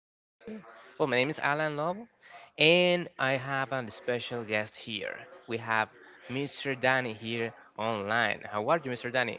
and today, my name is Alan Love, and I have a special guest here. We have Mr. Danny here online. How are you, Mr. Danny?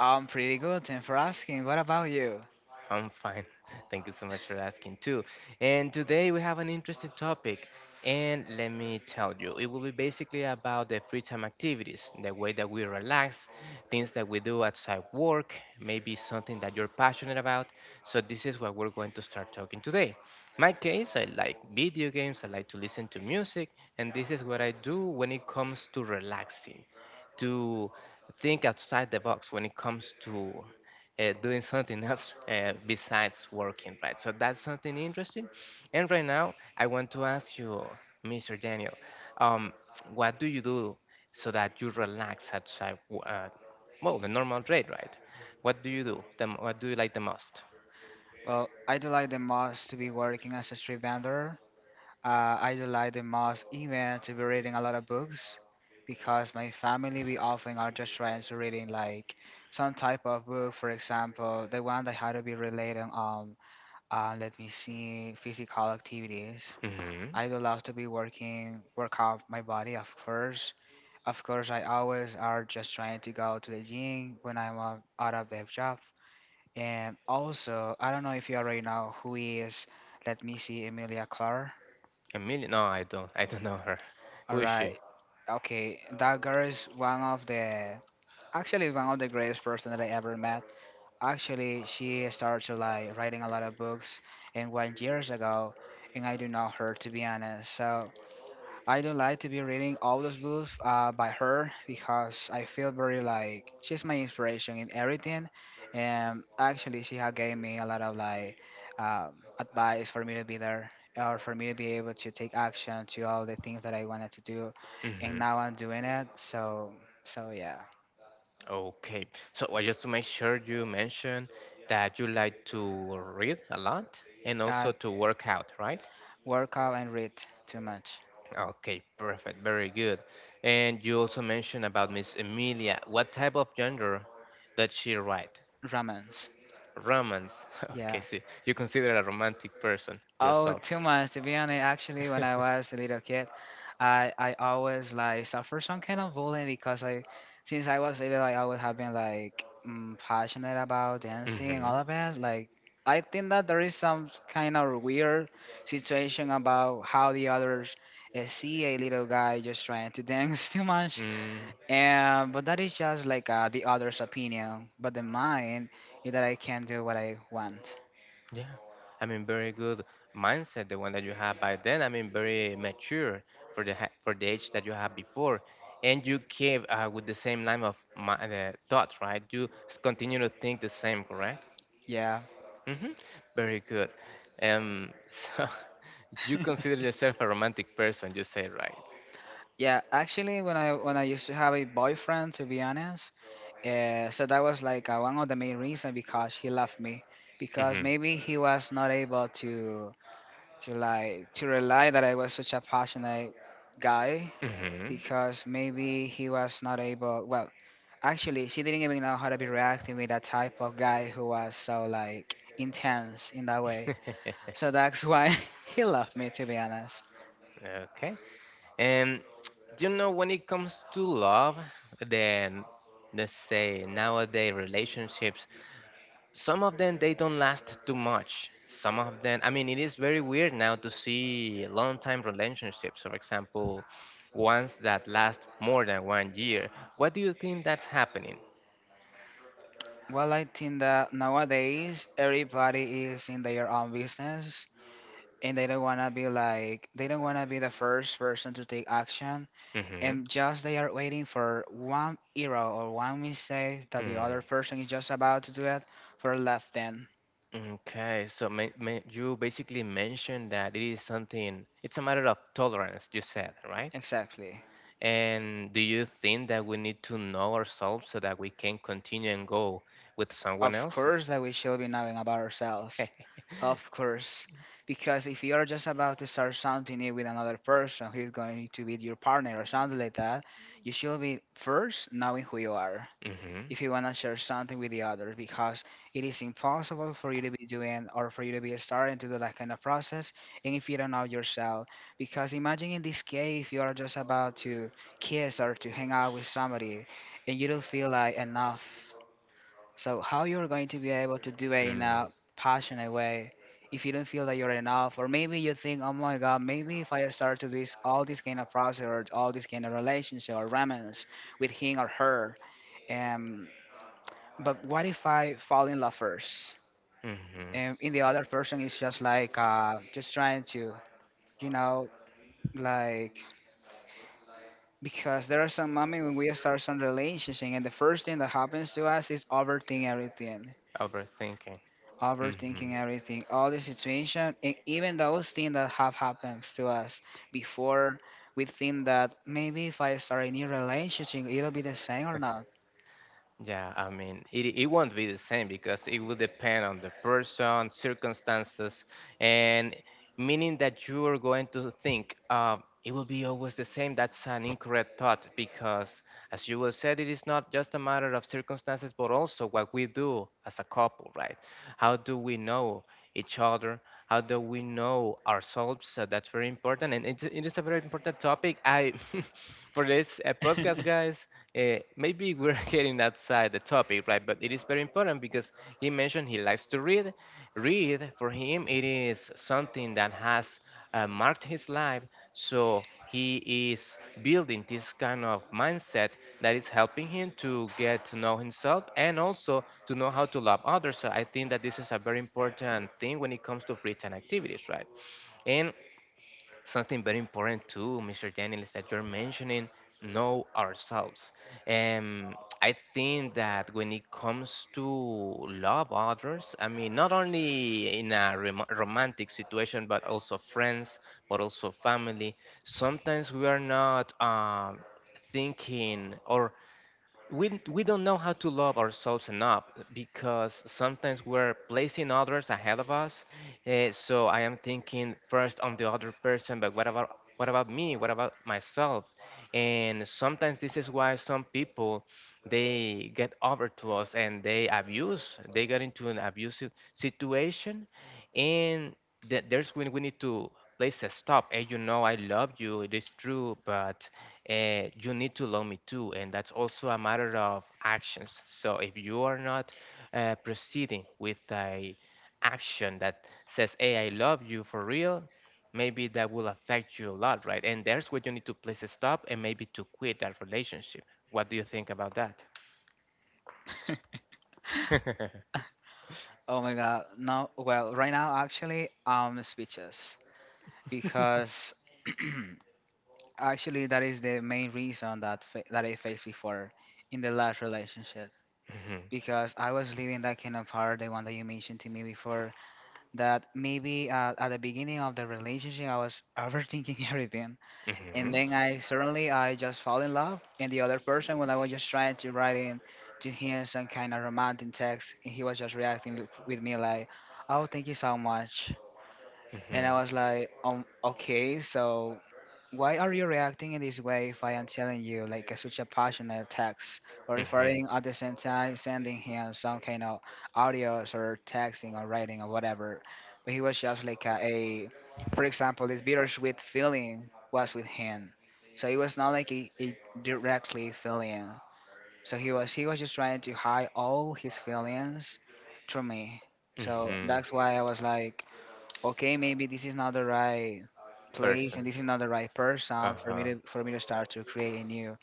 I'm pretty good. And for asking. What about you? I'm fine. Thank you so much for asking too. And today we have an interesting topic. And let me tell you, it will be basically about the free time activities, the way that we relax, things that we do outside work, maybe something that you're passionate about. So this is what we're going to start talking today. My case, I like video games, I like to listen to music, and this is what I do when it comes to relaxing, to think outside the box when it comes to doing something else besides working, right? So that's something interesting. And right now, I want to ask you, Mr. Daniel, um, what do you do so that you relax outside, the normal trade, right? What do you do? What do you like the most? Well, I do like the most to be working as a street vendor. I do like the most even to be reading a lot of books because my family, we often are just trying to reading like some type of book. For example, the one that had to be relating let me see, physical activities. Mm-hmm. I do love to be working, work out my body, of course. Of course, I always are just trying to go to the gym when I'm out of the job. And also, I don't know if you already know who he is. Let me see, Emilia Clarke. Emilia? No, I don't. I don't know her. All Who is right. she? Okay, that girl is one of the actually one of the greatest person that I ever met. Actually, she started to like writing a lot of books and one years ago, and I do know her to be honest. So I don't like to be reading all those books by her because I feel very like she's my inspiration in everything, and actually she had gave me a lot of like advice for me to be there or for me to be able to take action to all the things that I wanted to do, and Mm-hmm. now I'm doing it. So yeah, Okay. So just to make sure you mentioned that you like to read a lot and uh, also to work out, right? work out and read too much Okay, perfect. Very good. And you also mentioned about Miss Emilia. What type of genre does she write? romance. Romance. Okay, Yeah, so you consider a romantic person oh, yourself. too much. To be honest, actually, when I was a little kid, I always like suffer some kind of bullying because like since I was little, I always have been like passionate about dancing and Mm-hmm. all of that. Like I think that there is some kind of weird situation about how the others see a little guy just trying to dance too much. Mm, And but that is just like the other's opinion. But the mine is that I can do what I want. yeah. I mean, very good mindset, the one that you have by then. I mean, very mature for the for the age that you have before, and you came with the same line of my, thoughts, right? You continue to think the same, correct? Yeah. Hmm. Very good. So you consider yourself a romantic person, you say, right? Yeah, actually, when I used to have a boyfriend, to be honest, so that was like one of the main reason because he left me, because Mm-hmm. maybe he was not able to like to rely that I was such a passionate guy, Mm-hmm. because maybe he was not able. Well, actually, she didn't even know how to be reacting with that type of guy who was so like intense in that way. So that's why he left me, to be honest. Okay. And when it comes to love, then let's say nowadays relationships, some of them they don't last too much. Some of them, I mean, it is very weird now to see long-time relationships, for example, ones that last more than 1 year. What do you think that's happening? Well, I think that nowadays everybody is in their own business and they don't want to be the first person to take action. Hmm. And just they are waiting for one error or one mistake that the Mm, other person is just about to do it for left then. okay, so ma ma you basically mentioned that it is something, it's a matter of tolerance, you said, right? Exactly. And do you think that we need to know ourselves so that we can continue and go with someone Of else? course that we should be knowing about ourselves. Of course. Because if you are just about to start something new with another person who's going to be your partner or something like that, you should be first knowing who you are Mm-hmm. if you want to share something with the others, because it is impossible for you to be doing or for you to be starting to do that kind of process, and if you don't know yourself, because imagine in this case, if you are just about to kiss or to hang out with somebody and you don't feel like enough, so how you're going to be able to do it in a passionate way if you don't feel that you're enough? Or maybe you think, oh my god, maybe if I start to this all this kind of process or all this kind of relationship or romance with him or her, um, but what if I fall in love first, Mm-hmm. and in the other person is just like just trying to, you know, like, because there are some moments when we start some relationship, and the first thing that happens to us is overthink everything, Overthinking. Mm-hmm. overthinking everything, all the situation, and even those things that have happened to us before. We think that maybe if I start a new relationship, it'll be the same or not. Yeah, I mean, it won't be the same because it will depend on the person, circumstances, and meaning that you are going to think it will be always the same. That's an incorrect thought because, as you will said, it is not just a matter of circumstances, but also what we do as a couple, right? How do we know each other? How do we know ourselves? So that's very important and it is a very important topic I for this podcast guys maybe we're getting outside the topic right but it is very important because he mentioned he likes to read, for him it is something that has marked his life so he is building this kind of mindset that is helping him to get to know himself and also to know how to love others. So I think that this is a very important thing when it comes to free time activities, right? And something very important too, Mr. Daniel, is that you're mentioning know ourselves. Um, I think that when it comes to love others, I mean, not only in a romantic situation, but also friends, but also family, sometimes we are not thinking or we don't know how to love ourselves enough because sometimes we're placing others ahead of us. Eh, so I am thinking first on the other person, but what about me? What about myself? And sometimes this is why some people they get over to us and they abuse. They get into an abusive situation, and there's when we need to place a stop and you know I love you, it is true, but you need to love me too, and that's also a matter of actions. So if you are not proceeding with a action that says hey I love you for real, maybe that will affect you a lot, right? And there's where you need to place a stop and maybe to quit that relationship. What do you think about that? Oh my god, no. Well, right now actually I'm speechless, because actually that is the main reason that that I faced before in the last relationship, Hmm. because I was living that kind of hard, the one that you mentioned to me before, that maybe at the beginning of the relationship I was overthinking everything, and Hmm. then I suddenly I just fall in love, and the other person, when I was just trying to write in to him some kind of romantic text, and he was just reacting with me like, oh, thank you so much. And Hmm. I was like, okay, so why are you reacting in this way if I am telling you like a, such a passionate text, or if Hmm. I'm at the same time sending him some kind of audios or texting or writing or whatever? But he was just like a, for example, this bittersweet feeling was with him, so it was not like a directly feeling. So he was just trying to hide all his feelings through me. So Hmm. that's why I was like, okay, maybe this is not the right place Person. and this is not the right person Uh-huh. For me to start to create a new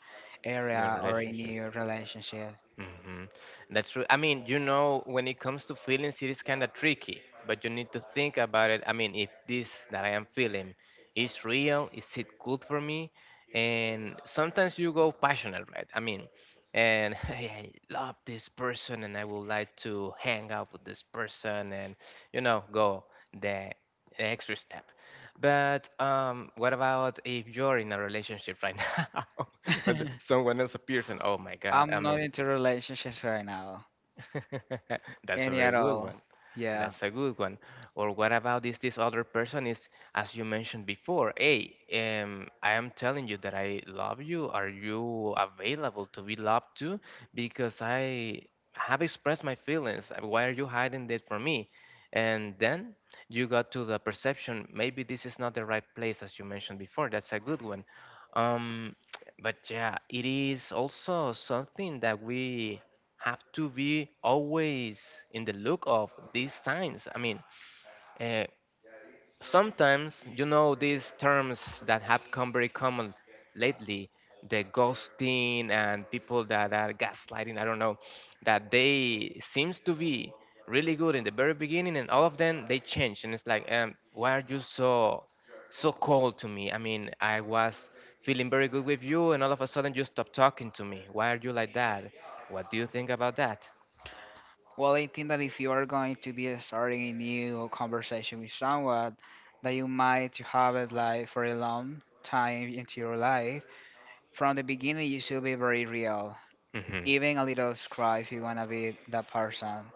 In a area or a relationship. new relationship. Hmm. That's true. I mean, you know, when it comes to feelings, it is kind of tricky, but you need to think about it. I mean, if this that I am feeling is real, is it good for me? And sometimes you go passionate, right? I mean, and hey, I love this person and I would like to hang out with this person and, you know, go the, the extra step. But what about if you're in a relationship right now? And someone else appears and oh my God, I'm I not mean, into relationships right now, that's a any very at good all. one. Yeah. That's a good one. Or what about this other person is as you mentioned before, hey, I am telling you that I love you. Are you available to be loved too? Because I have expressed my feelings. Why are you hiding that from me? And then you got to the perception, maybe this is not the right place, as you mentioned before. That's a good one. Um, but yeah, it is also something that we have to be always in the look of these signs. I mean, uh, sometimes you know these terms that have come very common lately, the ghosting and people that are gaslighting. I don't know, that they seems to be really good in the very beginning, and all of them they change, and it's like, why are you so cold to me? I mean, I was feeling very good with you, and all of a sudden you stop talking to me. Why are you like that? What do you think about that? Well, I think that if you are going to be starting a new conversation with someone, that you might to have it like for a long time into your life, from the beginning, you should be very real, Mhm. even a little scry if you wanna be that person.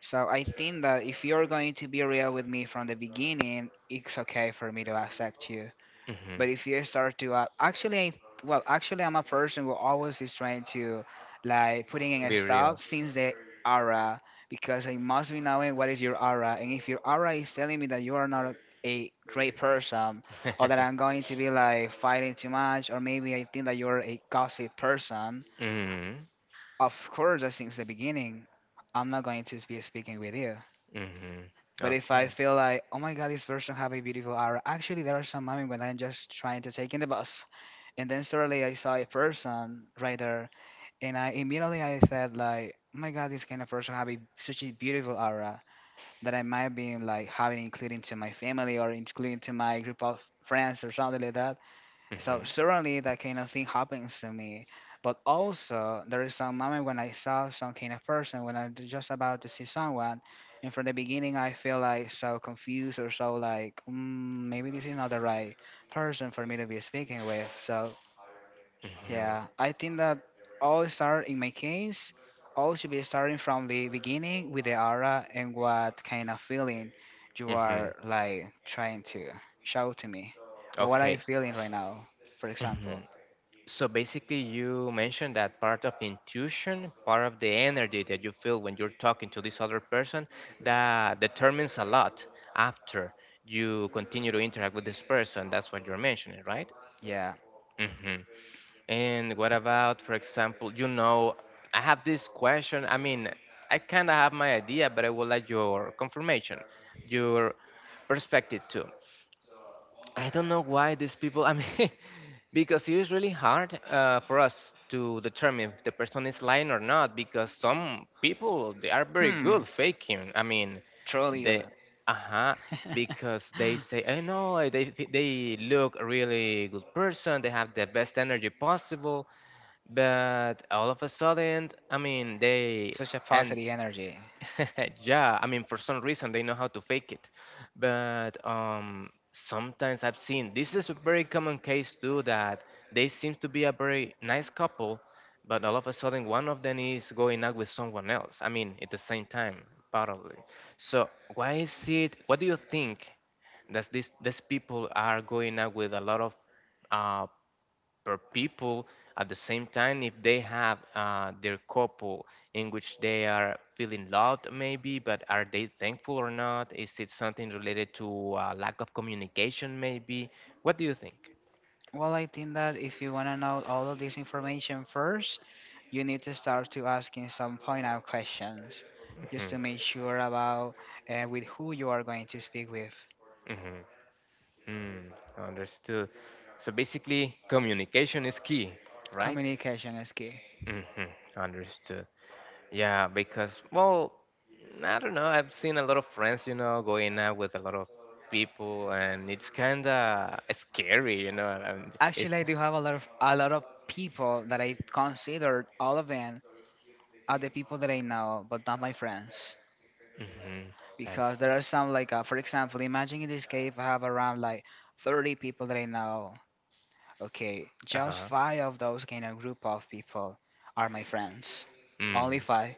So I think that if you're going to be real with me from the beginning, it's okay for me to accept you. Mhm. But if you start to actually, I- well, actually, I'm a person who always is trying to like putting in a Be real. stop since the aura, because I must be knowing what is your aura, and if your aura is telling me that you are not a a great person or that I'm going to be like fighting too much, or maybe I think that you're a gossip person, Mhm. of course, that since the beginning, I'm not going to be speaking with you. Mhm. But if I Okay. feel like, oh my god, this person have a beautiful aura. Actually, there are some moments when I'm just trying to take in the bus, and then suddenly I saw a person right there, and I immediately I said like, oh my god, this kind of person have such a beautiful aura that I might be like having including to my family or including to my group of friends or something like that. So Mhm. certainly that kind of thing happens to me. But also there is some moment when I saw some kind of person when I am just about to see someone, and from the beginning I feel like so confused or so like maybe this is not the right person for me to be speaking with. So Mhm. yeah, I think that all start in my case, all should be starting from the beginning with the aura and what kind of feeling you are Mhm. like trying to show to me, or what I'm Okay. feeling right now, for example. Mhm. So basically, you mentioned that part of intuition, part of the energy that you feel when you're talking to this other person, that determines a lot after you continue to interact with this person. That's what you're mentioning, right? Yeah. Mhm. And what about, for example, you know, I have this question. I mean, I kind of have my idea, but I would like your confirmation, your perspective too. I don't know why these people, I mean, because it is really hard for us to determine if the person is lying or not, because some people, they are very Hmm. good faking. I mean, Truly good. they, uh-huh, because they say, I know, they, they look a really good person, they have the best energy possible, but all of a sudden, I mean, they Such a and positive energy. yeah, I mean, for some reason they know how to fake it. But sometimes I've seen this is a very common case too that they seem to be a very nice couple, but all of a sudden one of them is going out with someone else. I mean, at the same time, probably. So why is it? What do you think that these people are going out with a lot of uh, per people at the same time if they have their couple in which they are feeling loved maybe? But are they thankful or not? Is it something related to lack of communication maybe? What do you think? Well, I think that if you want to know all of this information first, you need to start to asking some point out questions just Hmm. to make sure about with who you are going to speak with. Hmm. Mm, understood. So basically communication is key, right? Communication is key. Hmm. Understood. Yeah, because well, I don't know. I've seen a lot of friends, you know, going out with a lot of people, and it's kind of scary, you know. And it's Actually, I do have a lot of people that I considered all of them are the people that I know, but not my friends. mm-hmm, I Because see. there are some like, for example, imagine in this case I have around like 30 people that I know, okay, Uh just huh. five of those kind of group of people are my friends. Only Mm. five.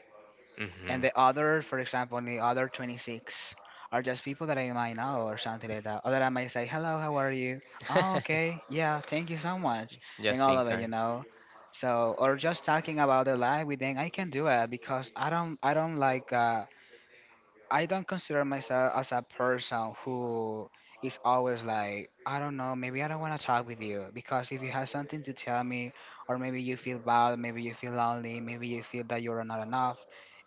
And Mm-hmm. the other, for example, the other 26 are just people that I might know or something like that. Or that I might say, hello, how are you? Oh, okay. Yeah, thank you so much. And Just all being of it, you kind. know. So, or just talking about the life with them, I can do it because I don't like, I don't consider myself as a person who is always like, I don't know, maybe I don't want to talk with you because if you have something to tell me, or maybe you feel bad, maybe you feel lonely, maybe you feel that you're not enough,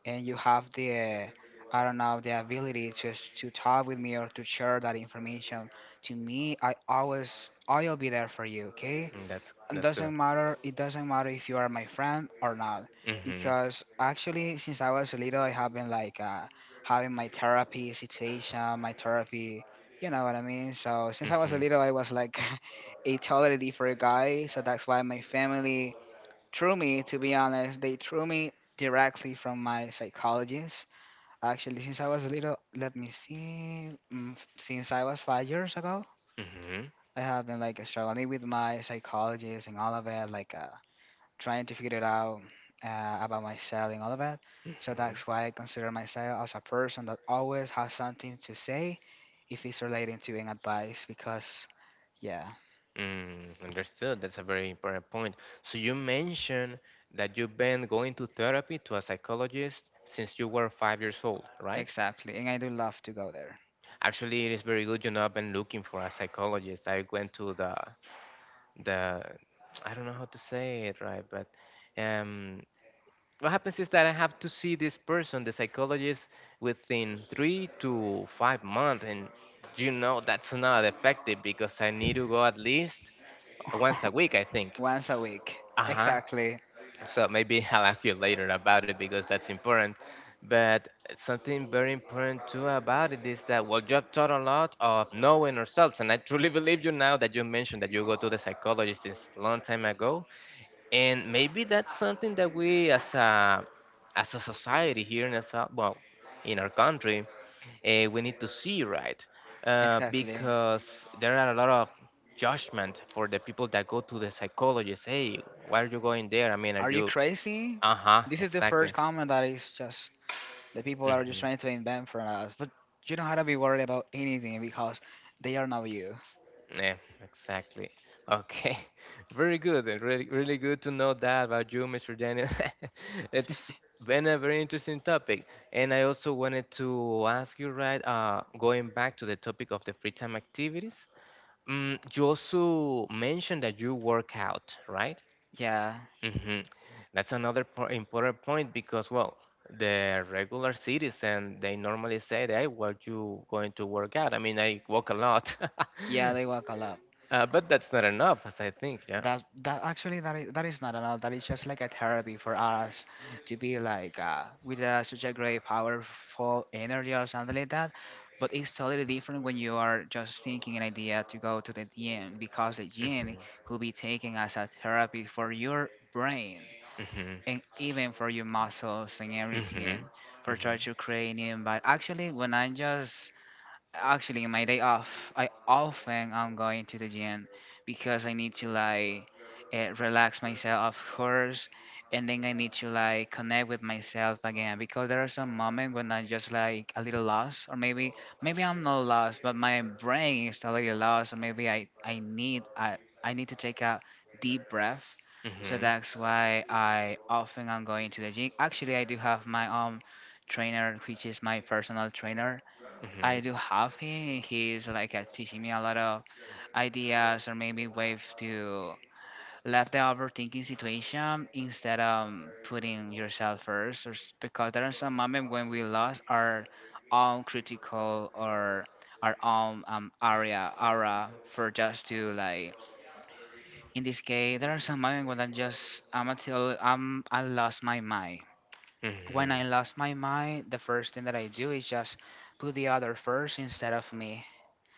and you have the, I don't know, the ability to to talk with me or to share that information to me, I always I'll be there for you, okay? Mm, That's It that's good. doesn't matter. It doesn't matter if you are my friend or not, Mm-hmm. because actually, since I was little, I have been like having my therapy situation, my therapy. You know what I mean? So since I was Mm-hmm. little, I was like a totally different guy. So that's why my family threw me. To be honest, they threw me directly from my psychologist. Actually, since I was little, let me see. Since I was 5 years ago, Mm-hmm. I have been like struggling with my psychologist and all of it, like. Trying to figure it out about myself and all of that. So that's Mm-hmm. why I consider myself as a person that always has something to say if it's relating to an advice because yeah, Mm, understood. That's a very important point. So you mentioned that you've been going to therapy to a psychologist since you were 5 years old, right? exactly. And I do love to go there. Actually, it is very good. You know, I've been looking for a psychologist. I went to the I don't know how to say it right, but um, what happens is that I have to see this person, the psychologist, within 3 to 5 months, and you know that's not effective because I need to go at least once a week, I think. Once a week. Uh huh. Exactly. So maybe I'll ask you later about it because that's important. But something very important too about it is that well, you have taught a lot of knowing ourselves, and I truly believe you now that you mentioned that you go to the psychologist since long time ago, and maybe that's something that we as a society here in well, in our country, we need to see, right, Exactly. because there are a lot of judgment for the people that go to the psychologist. Hey, why are you going there? I mean, are Are you you. crazy? Uh-huh, This is the exactly. first comment that is just the people are just Hmm. trying to invent for us. But you don't have to be worried about anything because they are not you. Yeah, exactly. Okay. Very good. And really, really good to know that about you, Mr. Daniel. It's been a very interesting topic. And I also wanted to ask you, right, going back to the topic of the free time activities, you also mentioned that you work out, right? Yeah. Hmm. That's another important point because, well, the regular citizen, they normally say, hey, what you going to work out? I mean, I walk a lot. Yeah, they walk a lot. But that's not enough, as I think, yeah. That actually that is not an art, that is just like a therapy for us to be like with such a great powerful energy or something like that, but it's totally different when you are just thinking an idea to go to the gym because the gym Hmm. will be taken as a therapy for your brain Hmm. and even for your muscles and Hmm. everything for try Hmm. to create new. But actually when I just actually, my day off, I often I'm going to the gym because I need to like relax myself, of course, and then I need to like connect with myself again because there are some moments when I'm just like a little lost, or maybe I'm not lost, but my brain is a little lost, or maybe I need to take a deep breath. So Hmm. that's why I often I'm going to the gym. Actually, I do have my own trainer, which is my personal trainer I do have him. He's like teaching me a lot of ideas or maybe ways to left the overthinking situation instead of putting yourself first. Because there are some moments when we lost our own critical or our own area aura for just to like. In this case, there are some moments when I just I'm until I'm I lost my mind. When I Hmm. lost my mind, the first thing that I do is just put the other first instead of me,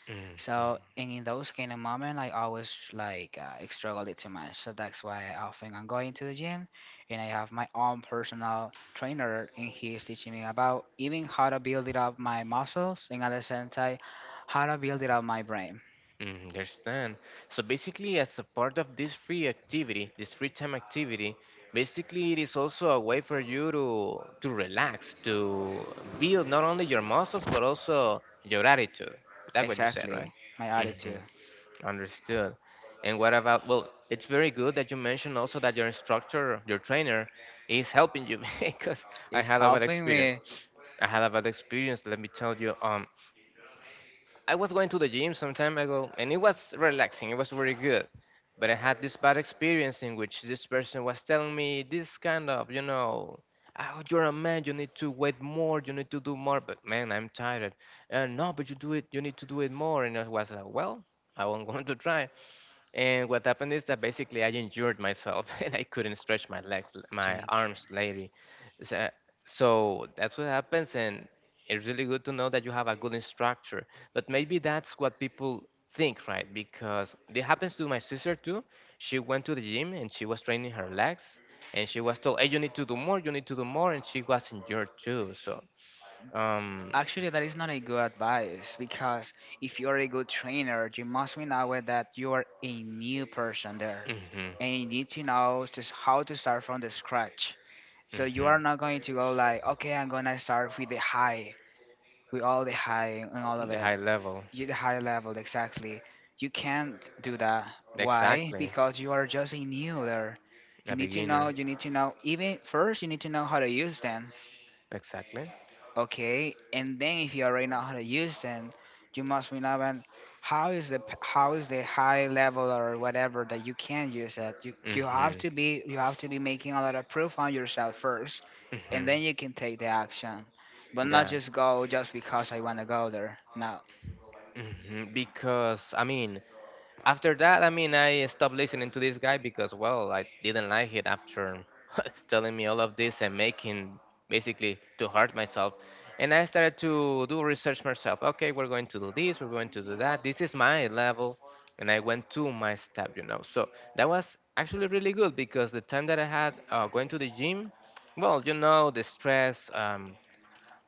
Hmm. Hmm. so and in those kind of moment, I always like struggle it too much. So that's why I often I'm going to the gym, and I have my own personal trainer, and he is teaching me about even how to build it up my muscles, and at the same time, how to build it up my brain. Mm. Understand. So basically, as a part of this free activity, this free time activity, basically it is also a way for you to relax, to build not only your muscles but also your attitude. That's what you said, right? Exactly, my Hmm. attitude Understood. And what about? Well, it's very good that you mentioned also that your instructor, your trainer, is helping you because I is had a bad helping experience. me. I had a bad experience. Let me tell you. I was going to the gym some time ago, and it was relaxing, it was very good. But I had this bad experience in which this person was telling me this kind of, oh, you're a man, you need to wait more, you need to do more. But man, I'm tired. No, but you do it, you need to do it more. And I was like, well, I am going to try. And what happened is that basically I injured myself and I couldn't stretch my legs, my Drink. arms later. So, so that's what happens. And it's really good to know that you have a good instructor. But maybe that's what people think, right? Because it happens to my sister too. She went to the gym and she was training her legs and she was told, hey, you need to do more, you need to do more. And she was injured too. So, um, Actually, that is not a good advice because if you're a good trainer, you must be aware that you are a new person there hmm and you need to know just how to start from the scratch. So you are hmm not going to go like, okay, I'm gonna start with the high, with all the high and all of the it, high level. you- the high level exactly. You can't do that. Why? Exactly. Because you are just a new there. You A need to know. beginner. You need to know. Even first, you need to know how to use them. Exactly. Okay, and then if you already know how to use them, you must remember and how is the how is the high level or whatever that you can use it. You have Mhm, to be making a lot of proof on yourself first, and then mhm, you can take the action, but not yeah, just go just because I want to go there. No, mhm. Because I mean, after that, I mean, I stopped listening to this guy because, well, I didn't like it after telling me all of this and making basically to hurt myself. And I started to do research myself. Okay, we're going to do this, we're going to do that. This is my level, and I went to my step. So that was actually really good because the time that I had going to the gym, well, the stress. Um,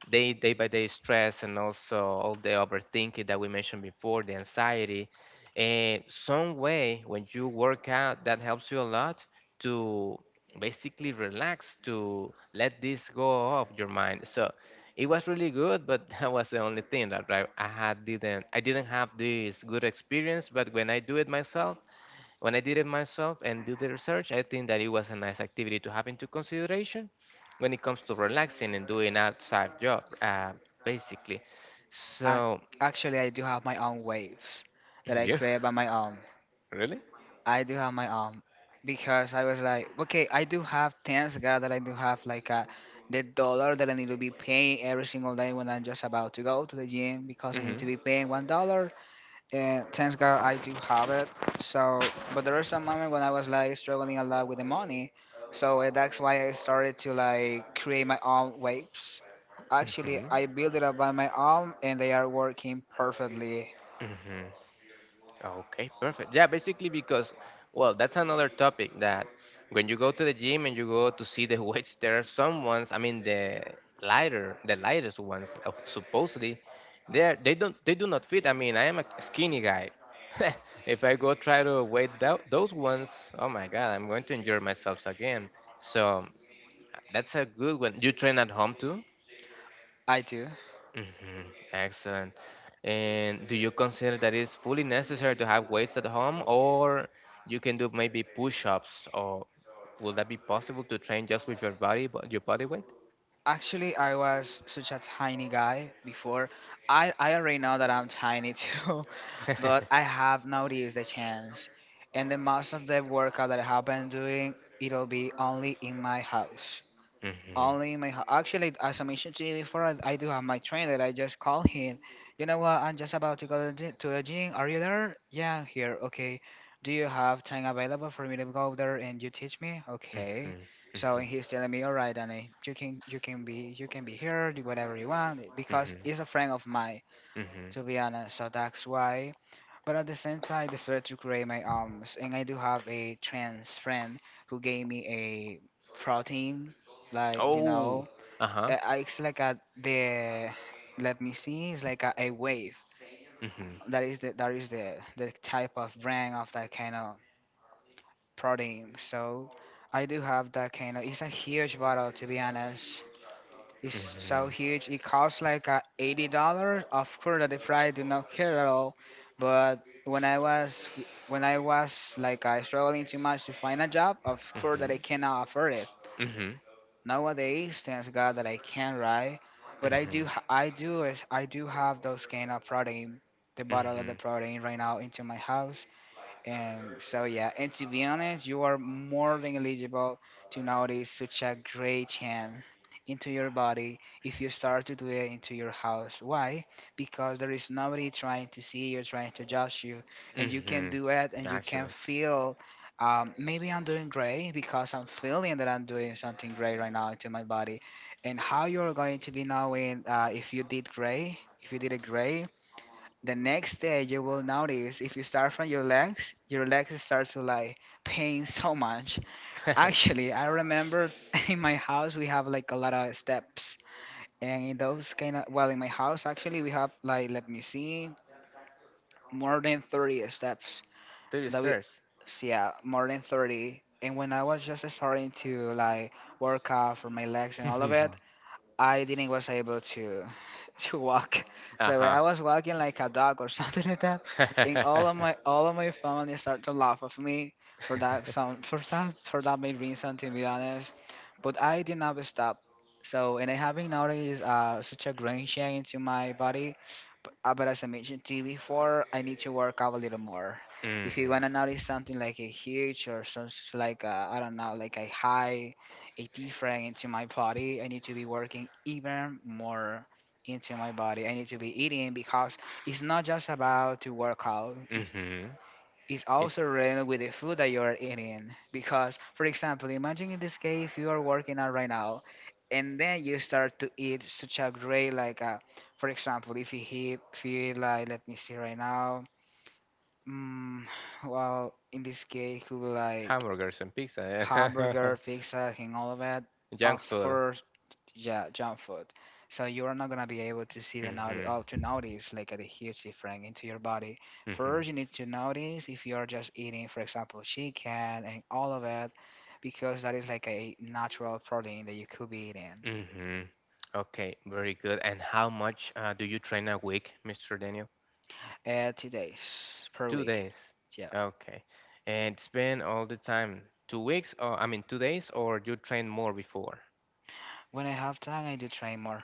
day day by day stress, and also all the overthinking that we mentioned before, the anxiety. And some way when you work out, that helps you a lot to basically relax, to let this go off your mind. So it was really good, but that was the only thing that I didn't have this good experience. But when I do it myself, when I did it myself and did the research, I think that it was a nice activity to have into consideration when it comes to relaxing and doing outside job, basically. I, So, actually I do have my own waves that I yeah, create by my own. really? I do have my own because I was like, okay, I do have thanks God that I do have like a the dollar that I need to be paying every single day when I'm just about to go to the gym because I need Mm-hmm. to be paying $1. And thanks God I do have it. So, but there was a moment when I was like struggling a lot with the money. So that's why I started to like create my own waves. Actually, Mm-hmm. I build it up by my own and they are working perfectly. Mm-hmm. Okay, perfect. Yeah, basically because, well, that's another topic that when you go to the gym and you go to see the weights, there are some ones. I mean, the lighter, the lightest ones, supposedly, they are, they don't they do not fit. I mean, I am a skinny guy. If I go try to weight those ones, oh my God, I'm going to injure myself again. So that's a good one. You train at home too? I do. Hmm. Excellent. And do you consider that it's fully necessary to have weights at home, or you can do maybe push-ups, or will that be possible to train just with your body weight? Actually, I was such a tiny guy before. I already know that I'm tiny too, but I have noticed the change. And the most of the workout that I have been doing, it'll be only in my house. Mhm, Actually, as I mentioned to you before, I do have my train that I just call him. You know what? I'm just about to go to the gym. Are you there? Yeah, I'm here. Okay. Do you have time available for me to go there and you teach me? Okay. mhm, So mhm, he's telling me, all right, Danny, you can be here, do whatever you want mhm, because he's a friend of mine mhm. to be honest. So that's why. But at the same time, I decided to create my arms, and I do have a trans friend who gave me a protein, like you Oh, know, uh-huh. It's like a the let me see, it's like a wave. Mhm, That is the type of brand of that kind of protein. So I do have that kind of. It's a huge bottle, to be honest. It's so mhm, huge. It costs like $80. Of course, at the price do not care at all. But when I was like struggling too much to find a job, of course that I mhm, cannot afford it nowadays. Thanks God that I can, right? mhm, But I do mhm, ha- I do is I do have those kind of protein, the bottle of the mhm, protein right now into my house. And so, yeah, and to be honest, you are more than eligible to notice such a great change into your body if you start to do it into your house. Why? Because there is nobody trying to see you, trying to judge you, and you can mhm. do it and you can Actually, feel. Maybe I'm doing great because I'm feeling that I'm doing something great right now into my body. And how you're going to be knowing if you did great, if you did it great, the next day, you will notice if you start from your legs start to like pain so much. Actually, I remember in my house we have like a lot of steps, and in those kind of well, in my house actually we have like let me see, more than 30 steps through the that we, stairs. so yeah, more than 30. And when I was just starting to like work out for my legs and all of it, I didn't was able to to walk. So like, Uh-huh. I was walking like a dog or something like that. And all of my family started to laugh of me for that for that main reason to be honest. But I did not stop. So and I having nowadays such a grain share into my body. But but as I mentioned to you before, I need to work out a little more. If you wanna Mhm. notice something like a huge or some like a, I don't know like a high a different into my body. I need to be working even more into my body. I need to be eating because it's not just about to work out. It's Mhm. it's It's also related with the food that you are eating. Because, for example, imagine in this case if you are working out right now, and then you start to eat such a great like, for example, if you eat, feel like let me see right now, mm, well, in this case, could be like hamburgers and hamburger, pizza. pizza, and all of that, of Junk food. course yeah, jump food. So you're not gonna be able to see the to Mhm. notice like a huge difference into your body. Mhm. First, you need to notice if you are just eating, for example, chicken and all of it, because that is like a natural protein that you could be eating. Mhm. Okay, very good. And how much do you train a week, Mr. Daniel? 2 days per Two week. days. Yeah. Okay. And it's been all the time 2 weeks, or I mean 2 days, or you trained more before? When I have time, I do train more.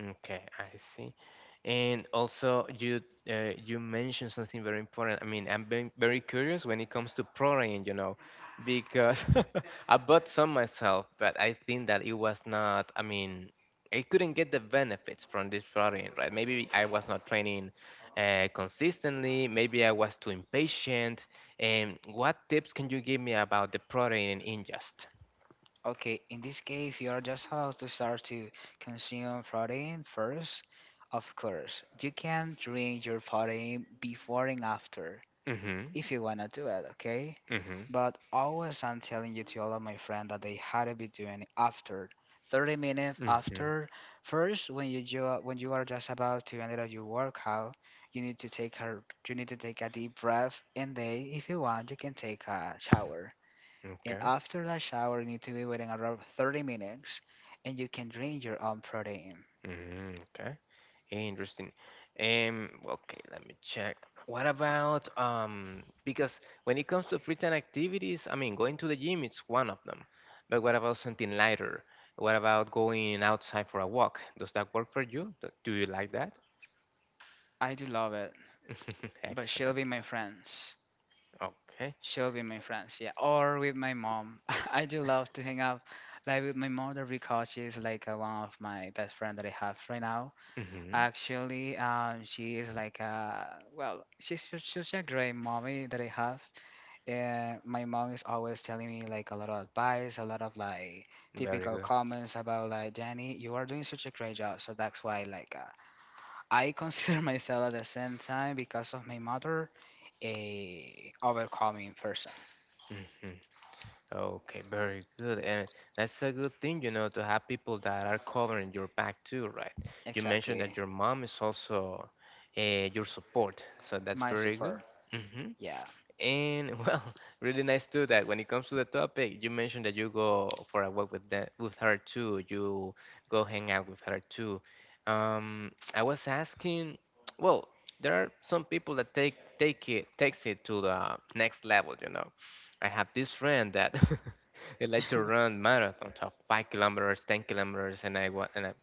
Okay, I see. And also, you mentioned something very important. I mean, I'm being very curious when it comes to protein, because I bought some myself, but I think that it was not. I mean, I couldn't get the benefits from this protein, right? Maybe I was not training consistently. Maybe I was too impatient. And what tips can you give me about the protein ingest? Okay, in this case, if you are just about to start to consume protein first, of course, you can drink your protein before and after Mm-hmm. if you wanna do it, okay? Mm-hmm. But always I'm telling you to all of my friends that they had to be doing it after 30 minutes Mm-hmm. after. First, when you are just about to end up your workout, you need to take a you need to take a deep breath, and then if you want, you can take a shower. And Okay. after that shower, you need to be waiting around 30 minutes, and you can drink your own protein. Mm-hmm. Interesting. Okay, let me check. What about, because when it comes to free time activities, I mean going to the gym is one of them. But what about something lighter? What about going outside for a walk? Does that work for you? Do you like that? I do love it, but she'll Excellent. be my friends. Okay. Sure, with my friends, yeah, or with my mom. I do love to hang out, like with my mother because she's like one of my best friend that I have right now. Hmm. Actually, she is like well, such a great mommy that I have, and my mom is always telling me like a lot of advice, a lot of like Very typical good. comments about like Danny, you are doing such a great job. So that's why like I consider myself at the same time because of my mother a overcoming person. Mm-hmm. Okay, very good. And that's a good thing, to have people that are covering your back too, right? You mentioned that Exactly. your mom is also your support, so that's My very good. super. Hmm. Yeah. And well, really nice too that when it comes to the topic, you mentioned that you go for a walk with her too. You go hang out with her too. I was asking, well, there are some people that takes it to the next level. I have this friend that he like to run marathons of 5 kilometers, 10 kilometers, and I,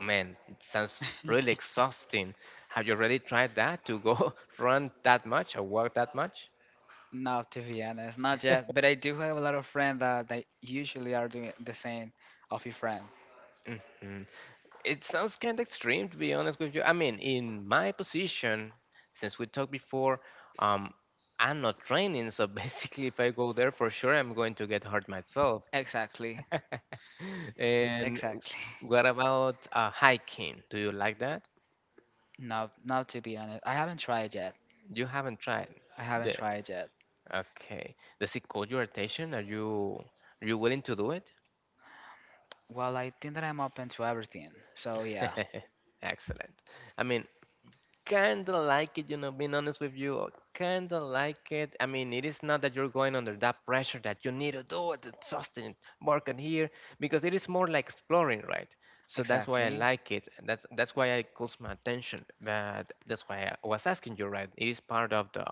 man, it sounds really exhausting. Have you already tried that to go run that much or walk that much? Not to be honest, not yet. But I do have a lot of friends that they usually are doing the same of your friend. Mhm. It sounds kind of extreme, to be honest with you. I mean, in my position, since we talked before, um, I'm not training, so basically, if I go there, for sure, I'm going to get hurt myself. Exactly. And Exactly. what about hiking? Do you like that? No, not to be honest. I haven't tried yet. You haven't tried I haven't the. tried yet. Okay. Does it call your attention? Are you willing to do it? Well, I think that I'm open to everything. So yeah, Excellent. I mean, kind of like it, being honest with you, kind of like it. I mean, it is not that you're going under that pressure that you need to do it, exhausting work on here, because it is more like exploring, right? So that's why I exactly. like it. That's why I calls my attention. But that's why I was asking you, right? It is part of the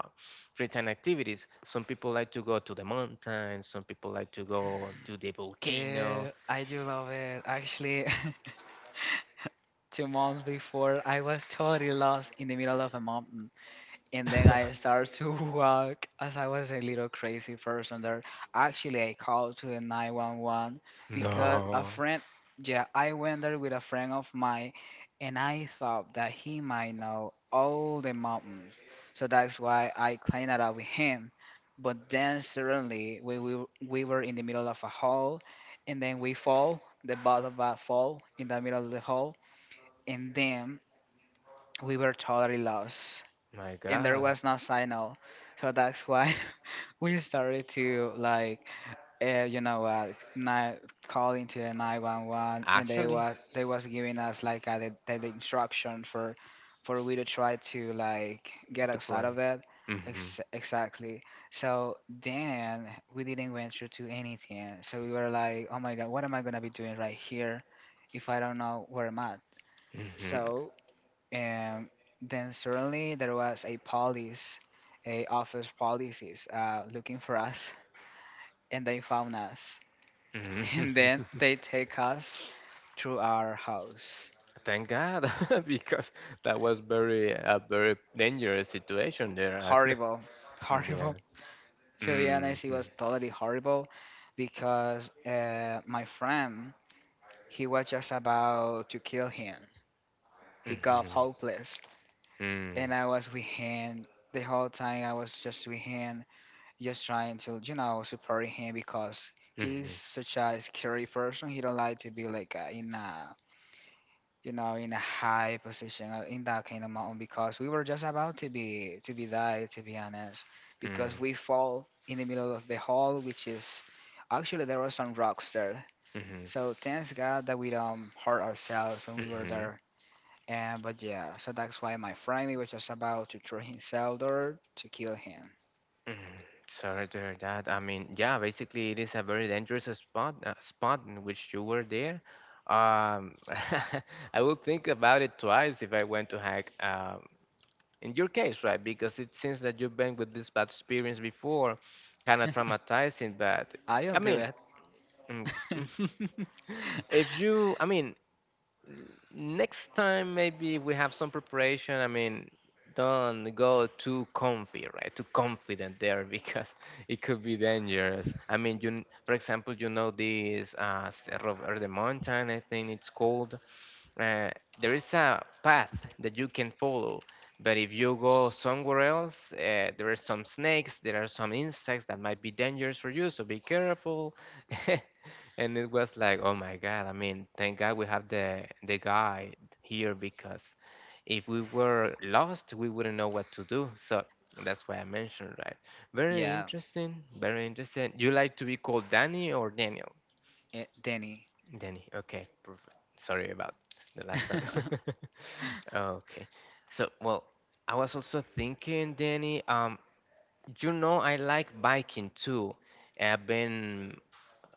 free time activities. Some people like to go to the mountains. Some people like to go to the volcano. Yeah, I do love it. Actually, 2 months before, I was totally lost in the middle of a mountain, and then I started to walk as I was a little crazy person there. Actually, I called to the 911 No. because a friend, yeah, I went there with a friend of mine and I thought that he might know all the mountains. So that's why I cleaned it up with him. But then suddenly we were in the middle of a hole and then we fall, the bottom of a fall in the middle of the hole, and then we were totally lost My and there God, was no signal. So that's why we started to like, uh, you know, uh, ni- calling to the 911, and they actually, was they was giving us like the, instruction for we to try to like get to outside of climb. that. Mm-hmm. Exactly. So then we didn't venture to anything. So we were like, oh my god, what am I gonna be doing right here if I don't know where I'm at? Mm-hmm. So and then suddenly there was a police a office policies looking for us and they found us Mm. and then they take us to our house, Thank God, because that was very a very dangerous situation there. horrible. Yeah. Horrible, to be Hmm. honest. It Hmm. was totally horrible because my friend, he was just about to kill him. He got Hmm. hopeless and I was with him the whole time. I was just with him just trying to, you know, support him because he's Hmm. such a scary person. He don't like to be like in a, you know, in a high position or in that kind of mountain because we were just about to be died, to be honest, because we fall in the middle of the hall, which is actually there were some rocks there, Hmm. so thanks god that we don't hurt ourselves when we were Hmm. there. And but yeah, so that's why my friend, he was just about to throw himself there to kill him. Sorry to hear that. I mean, yeah, basically it is a very dangerous spot in which you were there. Um, I will think about it twice if I went to hack. In your case, right? Because it seems that you've been with this bad experience before, kind of traumatizing. But I'll I do mean, it. mm, if you, I mean, next time maybe we have some preparation. I mean, don't go too comfy, right? Too confident there because it could be dangerous. I mean, you, for example, you know this Cerro Verde mountain, I think it's called, uh, there is a path that you can follow, but if you go somewhere else, there are some snakes, there are some insects that might be dangerous for you, so be careful. And it was like, oh my God, I mean, thank God we have the guide here, because if we were lost, we wouldn't know what to do. So that's why I mentioned, right? Very Yeah, interesting, very interesting. You like to be called Danny or Daniel? it, Danny. Danny. Okay, perfect. Sorry about the last time. Okay. So, well, I was also thinking, Danny, I like biking too. I've been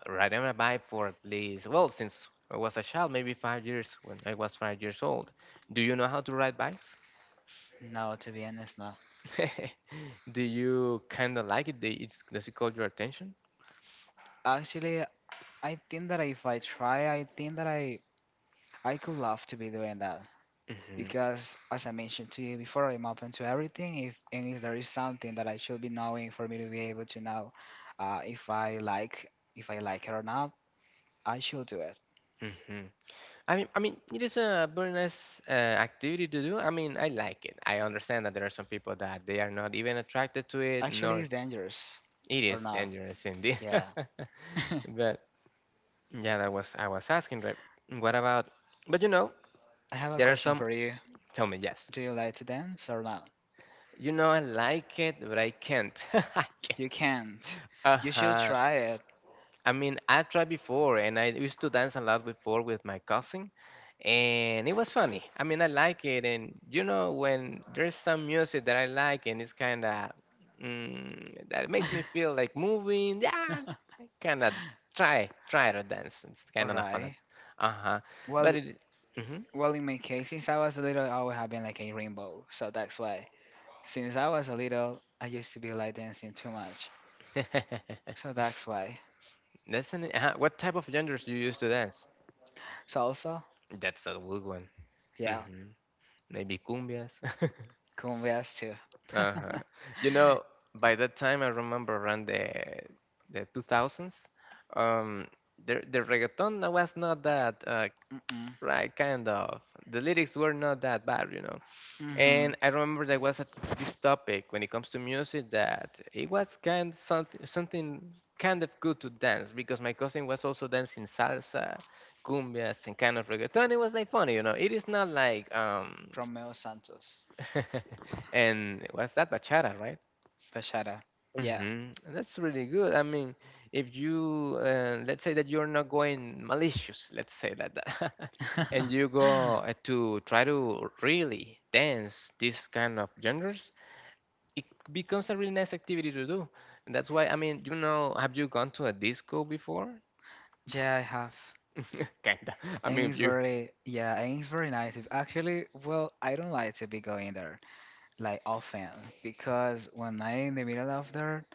riding a bike for at least, well, since I was a child, maybe 5 years when I was 5 years old. Do you know how to ride bikes? No, to be honest, no. Do you kind of like it? Does it call your attention? Actually, I think that if I try, I think that I could love to be doing that Mm-hmm, because, as I mentioned to you before, I'm open to everything. If there is something that I should be knowing for me to be able to know, if I like it or not, I should do it. mm-hmm. I mean, it is a very nice activity to do. I mean, I like it. I understand that there are some people that they are not even attracted to it, Actually, nor it's dangerous it or is not? dangerous indeed. Yeah. I But yeah, that was I was asking, right? What about? But you know, have a there are question some. for you. Tell me, yes. Do you like to dance or not? You know, I like it, but I can't. I can't. You can't. Uh You should huh. try it. I mean, I tried before, and I used to dance a lot before with my cousin, and it was funny. I mean, I like it, and you know, when there's some music that I like, and it's kind of that makes me feel like moving, yeah, kind of try to dance. It's All kind of fun. right. Uh huh. But Well, it. well, in my case, since I was a little, I always have been like a rainbow. So that's why. Since I was a little, I used to be like dancing too much. Mm-hmm. So that's why. Listen, what type of genres do you use to dance? Salsa, That's a good one. yeah, hmm Maybe cumbias. cumbias too. Uh-huh. You know, by that time I remember around the 2000s, um, the reggaeton was not that Mm-mm. right kind of. The lyrics were not that bad, you know. Mm-hmm. And I remember there was a, this topic when it comes to music that it was kind of something kind of good to dance because my cousin was also dancing salsa, cumbias, and kind of reggaeton. It was like funny, you know. It is not like Romeo Santos, and was that bachata, right? bachata, yeah, That's really good. I mean, if you let's say that you're not going malicious, let's say that, and you go to try to really dance this kind of genres, it becomes a really nice activity to do. And that's why, I mean, you know, have you gone to a disco before? yeah, I have. Kinda. I mean, And if it's you. very, yeah, and it's very nice. If actually, well, I don't like to be going there like often because when I'm in the middle of there,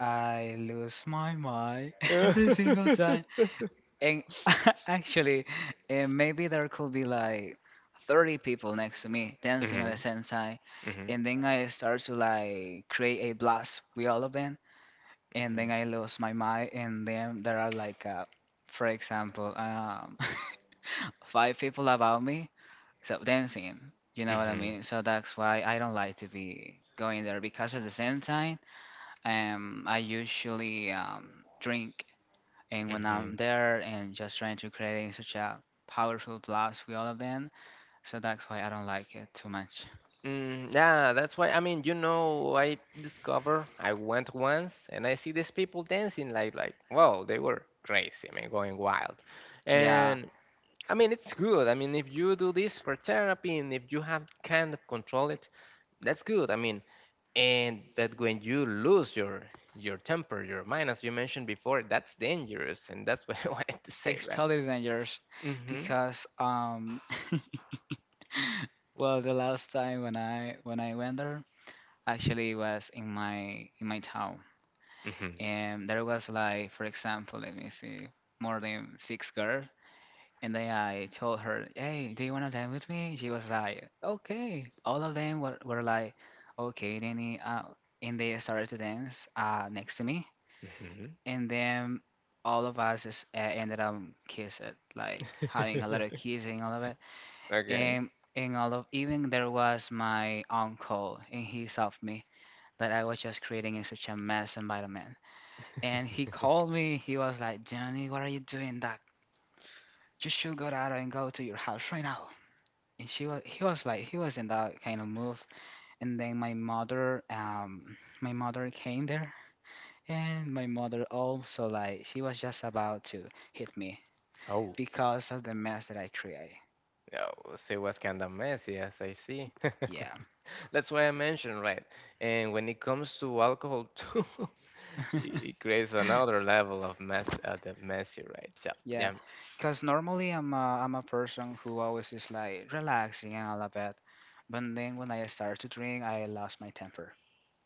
I lose my mind every single hmm time. And actually, maybe there could be like 30 people next to me dancing at the same time. hmm And then I start to like create a blast with all of them. And hmm then I lose my mind. And then there are like, for example, five people about me. So dancing, you know what I hmm mean? So that's why I don't like to be going there because at the same time, I usually drink, and when I'm hmm there and just trying to create such a powerful blast with all of them, so that's why I don't like it too much. Mm, yeah, that's why. I mean, you know, I went once and I see these people dancing like wow, they were crazy. I mean, going wild, Yeah, and I mean it's good. I mean, if you do this for therapy and if you have kind of control it, that's good. I mean, and but when you lose your temper, your mind, as you mentioned before, that's dangerous, and that's what I wanted to say, it's right? totally dangerous Mm-hmm. because well, the last time when I went there, actually was in my town, Mm-hmm. and there was like, for example, let me see, more than six girls. And then I told her, hey, do you want to dance with me? She was like, okay. All of them were like, okay, Danny. And they started to dance next to me. Mm-hmm. And then all of us is, ended up kissing, like having a lot of kissing, all of it. Okay. And, and all of, even there was my uncle, and he saw me that I was just creating in such a mess environment. And he called me, he was like, Johnny, what are you doing that? You should go out and go to your house right now. And she was he was like he was in that kind of move, and then my mother came there, and my mother also like she was just about to hit me Oh. because of the mess that I create, Yeah, so it was kind of messy, as I see. yeah. That's why I mentioned, right? And when it comes to alcohol, too, it it creates another level of mess, the messy, right? So, Yeah, yeah, because normally I'm a person who always is like relaxing and all of that, but then when I start to drink I lost my temper.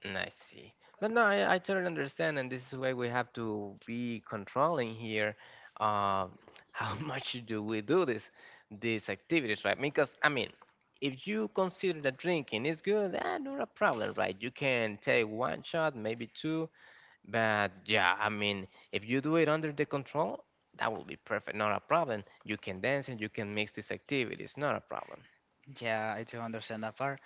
mm, I see. But no, I totally understand, and this is why we have to be controlling here. Um, how much do we do these activities, right? Because I mean, if you consider that drinking is good, not a problem, right? You can take one shot, maybe two. But yeah, I mean, if you do it under the control, that will be perfect, not a problem. You can dance and you can mix these activities, not a problem. Yeah, I do understand that part.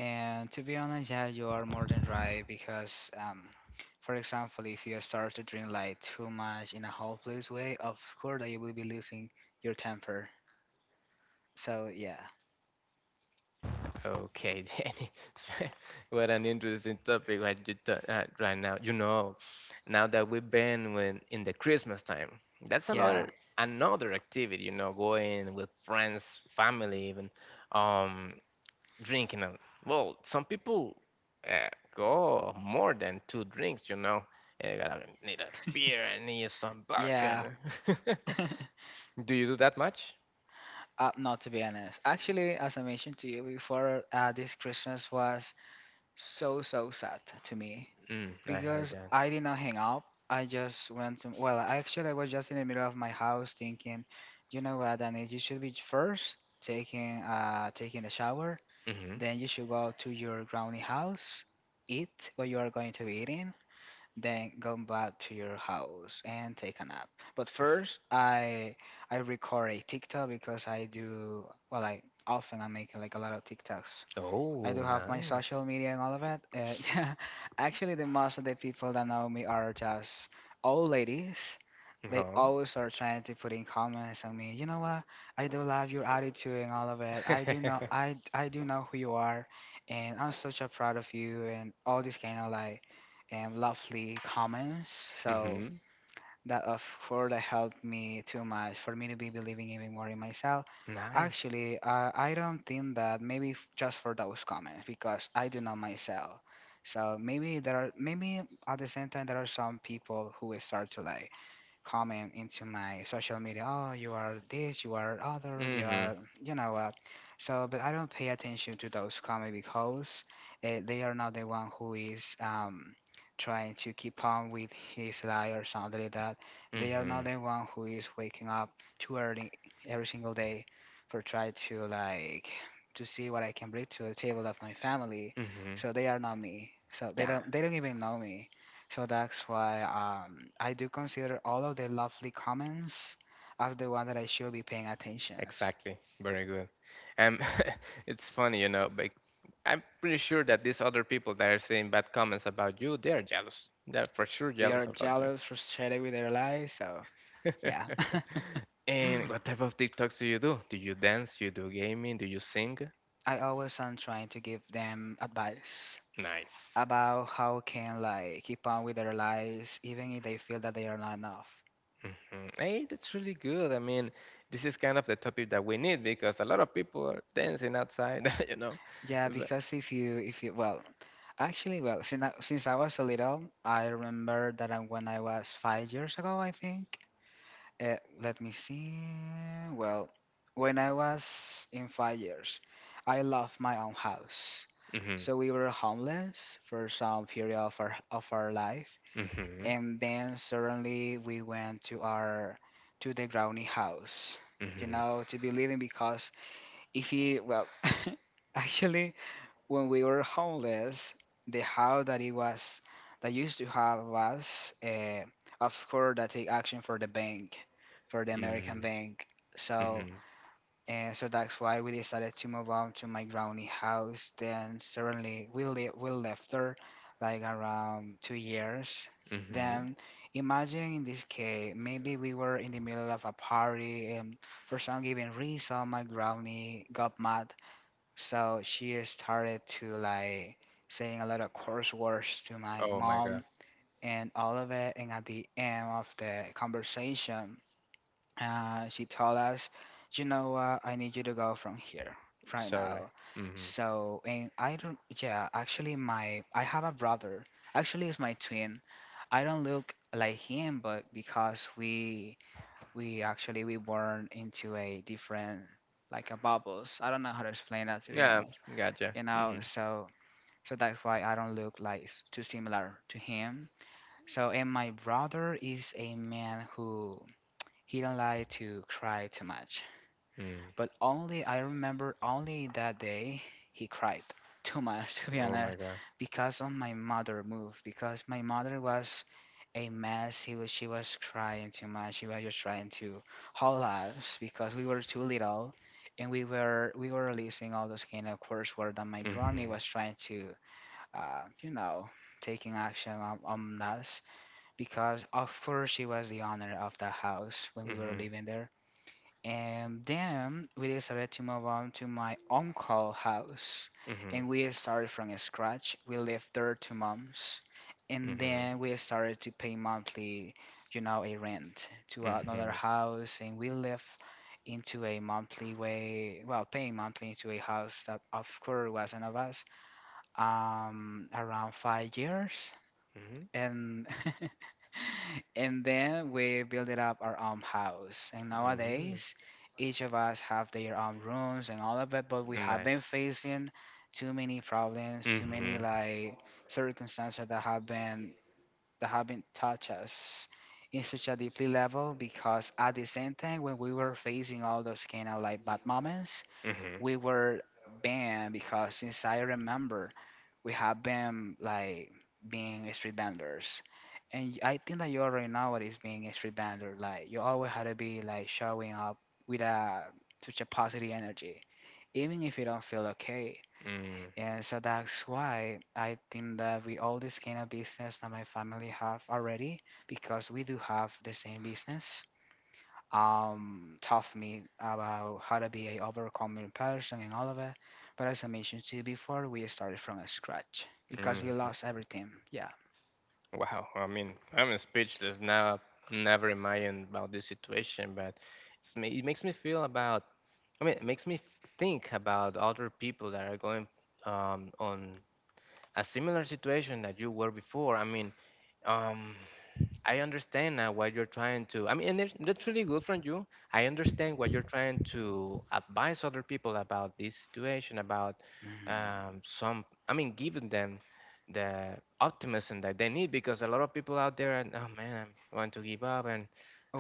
And to be honest, yeah, you are more than right because, for example, if you start to drink like too much in a hopeless way, of course that you will be losing your temper. So yeah, Okay, Danny, what an interesting topic what you right now. You know, now that we've been in the Christmas time, that's yeah, another activity. You know, going with friends, family, even. Um, drinking a, well some people uh, go more than two drinks. You know, you gotta need a beer and need some vodka yeah. and do you do that much? Not to be honest, actually, as I mentioned to you before, this Christmas was so so sad to me, Mm, I heard because that. I did not hang up. I just went to, well, actually, I was just in the middle of my house thinking, you know what, Danny, you should be first taking taking the shower. hmm Then you should go to your grounding house, eat what you are going to be eating, then go back to your house and take a nap. But first, I record a TikTok because I do well. I often I'm making like a lot of TikToks. I do oh, have my social nice, media and all of it. Yeah, actually, the most of the people that know me are just old ladies. They huh? always are trying to put in comments on me. You know what? I do love your attitude and all of it. I do know. I do know who you are, and I'm such a proud of you and all these kind of like, lovely comments. So hmm that of Florida helped me too much for me to be believing even more in myself. Nice. Actually, I don't think that maybe just for those comments because I do know myself. So maybe there are maybe at the same time there are some people who will start to lie comment into my social media. Oh, you are this, you are other, Hmm you are, you know what. So, but I don't pay attention to those comments because they are not the one who is trying to keep on with his lie or something like that. They are not the one who is waking up too early every single day for try to like to see what I can bring to the table of my family. hmm So they are not me. So yeah, they don't even know me. So that's why I do consider all of the lovely comments are the one that I should be paying attention. exactly, very good. um it's funny, you know. I'm pretty sure that these other people that are saying bad comments about you, they are jealous. They're for sure They are jealous about you. jealous, frustrated with their lives, so yeah. And what type of TikToks do you do? Do you dance? You do gaming? Do you sing? I always am trying to give them advice Nice. about how can like keep on with their lives even if they feel that they are not enough. Hey, that's really good. I mean, this is kind of the topic that we need because a lot of people are dancing outside, you know. Yeah, But, because if you well, actually, well, since I was a little, I remember that when I was 5 years ago, I think. Uh, Let me see. Well, when I was in 5 years, I left my own house. hmm So we were homeless for some period of our life, hmm and then suddenly we went to the brownie house, hmm to be living, because if you well, actually, when we were homeless, the house that used to have was, of course, that take action for the bank, for the American hmm bank. So, hmm and so that's why we decided to move on to my granny house. Then suddenly we left her, like around 2 years. hmm Then imagine in this case, maybe we were in the middle of a party, and for some given reason, my granny got mad, so she started to like saying a lot of coarse words to my oh my God. mom and all of it. And at the end of the conversation, she told us, "You know what? I need you to go from here right Sorry. now." hmm So and I don't. Yeah, actually, my I have a brother. Actually, it's my twin. I don't look like him, but because we actually we born into a different like a bubbles. I don't know how to explain that, to be Yeah, honest. gotcha. you know Mhm. so so that's why I don't look like too similar to him, so. And my brother is a man who he don't like to cry too much, Mm. but only I remember only that day he cried too much to be Oh my honest, god. because of my mother move, because my mother was a mess. He was she was crying too much. She was just trying to hold us because we were too little, and we were releasing all those kind of coursework that my granny Mhm. was trying to uh, you know, taking action on us because, of course, she was the owner of the house when we were Mhm. living there. And then we decided to move on to my uncle house, Mhm. and we started from scratch. We lived there 2 months, and Mhm. then we started to pay monthly, a rent to another Mhm. house, and we lived into a monthly way, well, paying monthly into a house that, of course, wasn't of us around 5 years, Mhm. and and then we builded up our own house. And Mhm. nowadays, each of us have their own rooms and all of it, but we have been Nice. facing too many problems, too many Mhm. like circumstances that have been touched us in such a deeply level, because at the same time when we were facing all those kind of like bad moments, Mhm. we were banned, because since I remember, we have been like being street vendors. And I think that you already know what is being a street vendor. Like you always had to be like showing up with a such a positive energy, even if you don't feel okay. Mm. And so that's why I think that we all this kind of business that my family have already, because we do have the same business, taught me about how to be a overcoming person and all of it. But as I mentioned to you before, we started from scratch because we Mm. lost everything. Yeah. Wow. I mean, I'm speechless now. Never imagined about this situation, but it's, it makes me feel about. I mean, it makes me think about other people that are going on a similar situation that you were before. I mean, um, I understand now what you're trying to. I mean, and that's really good from you. I understand what you're trying to advise other people about this situation, about Mhm. Some. I mean, giving them the optimism that they need because a lot of people out there, are, oh man, I want to give up and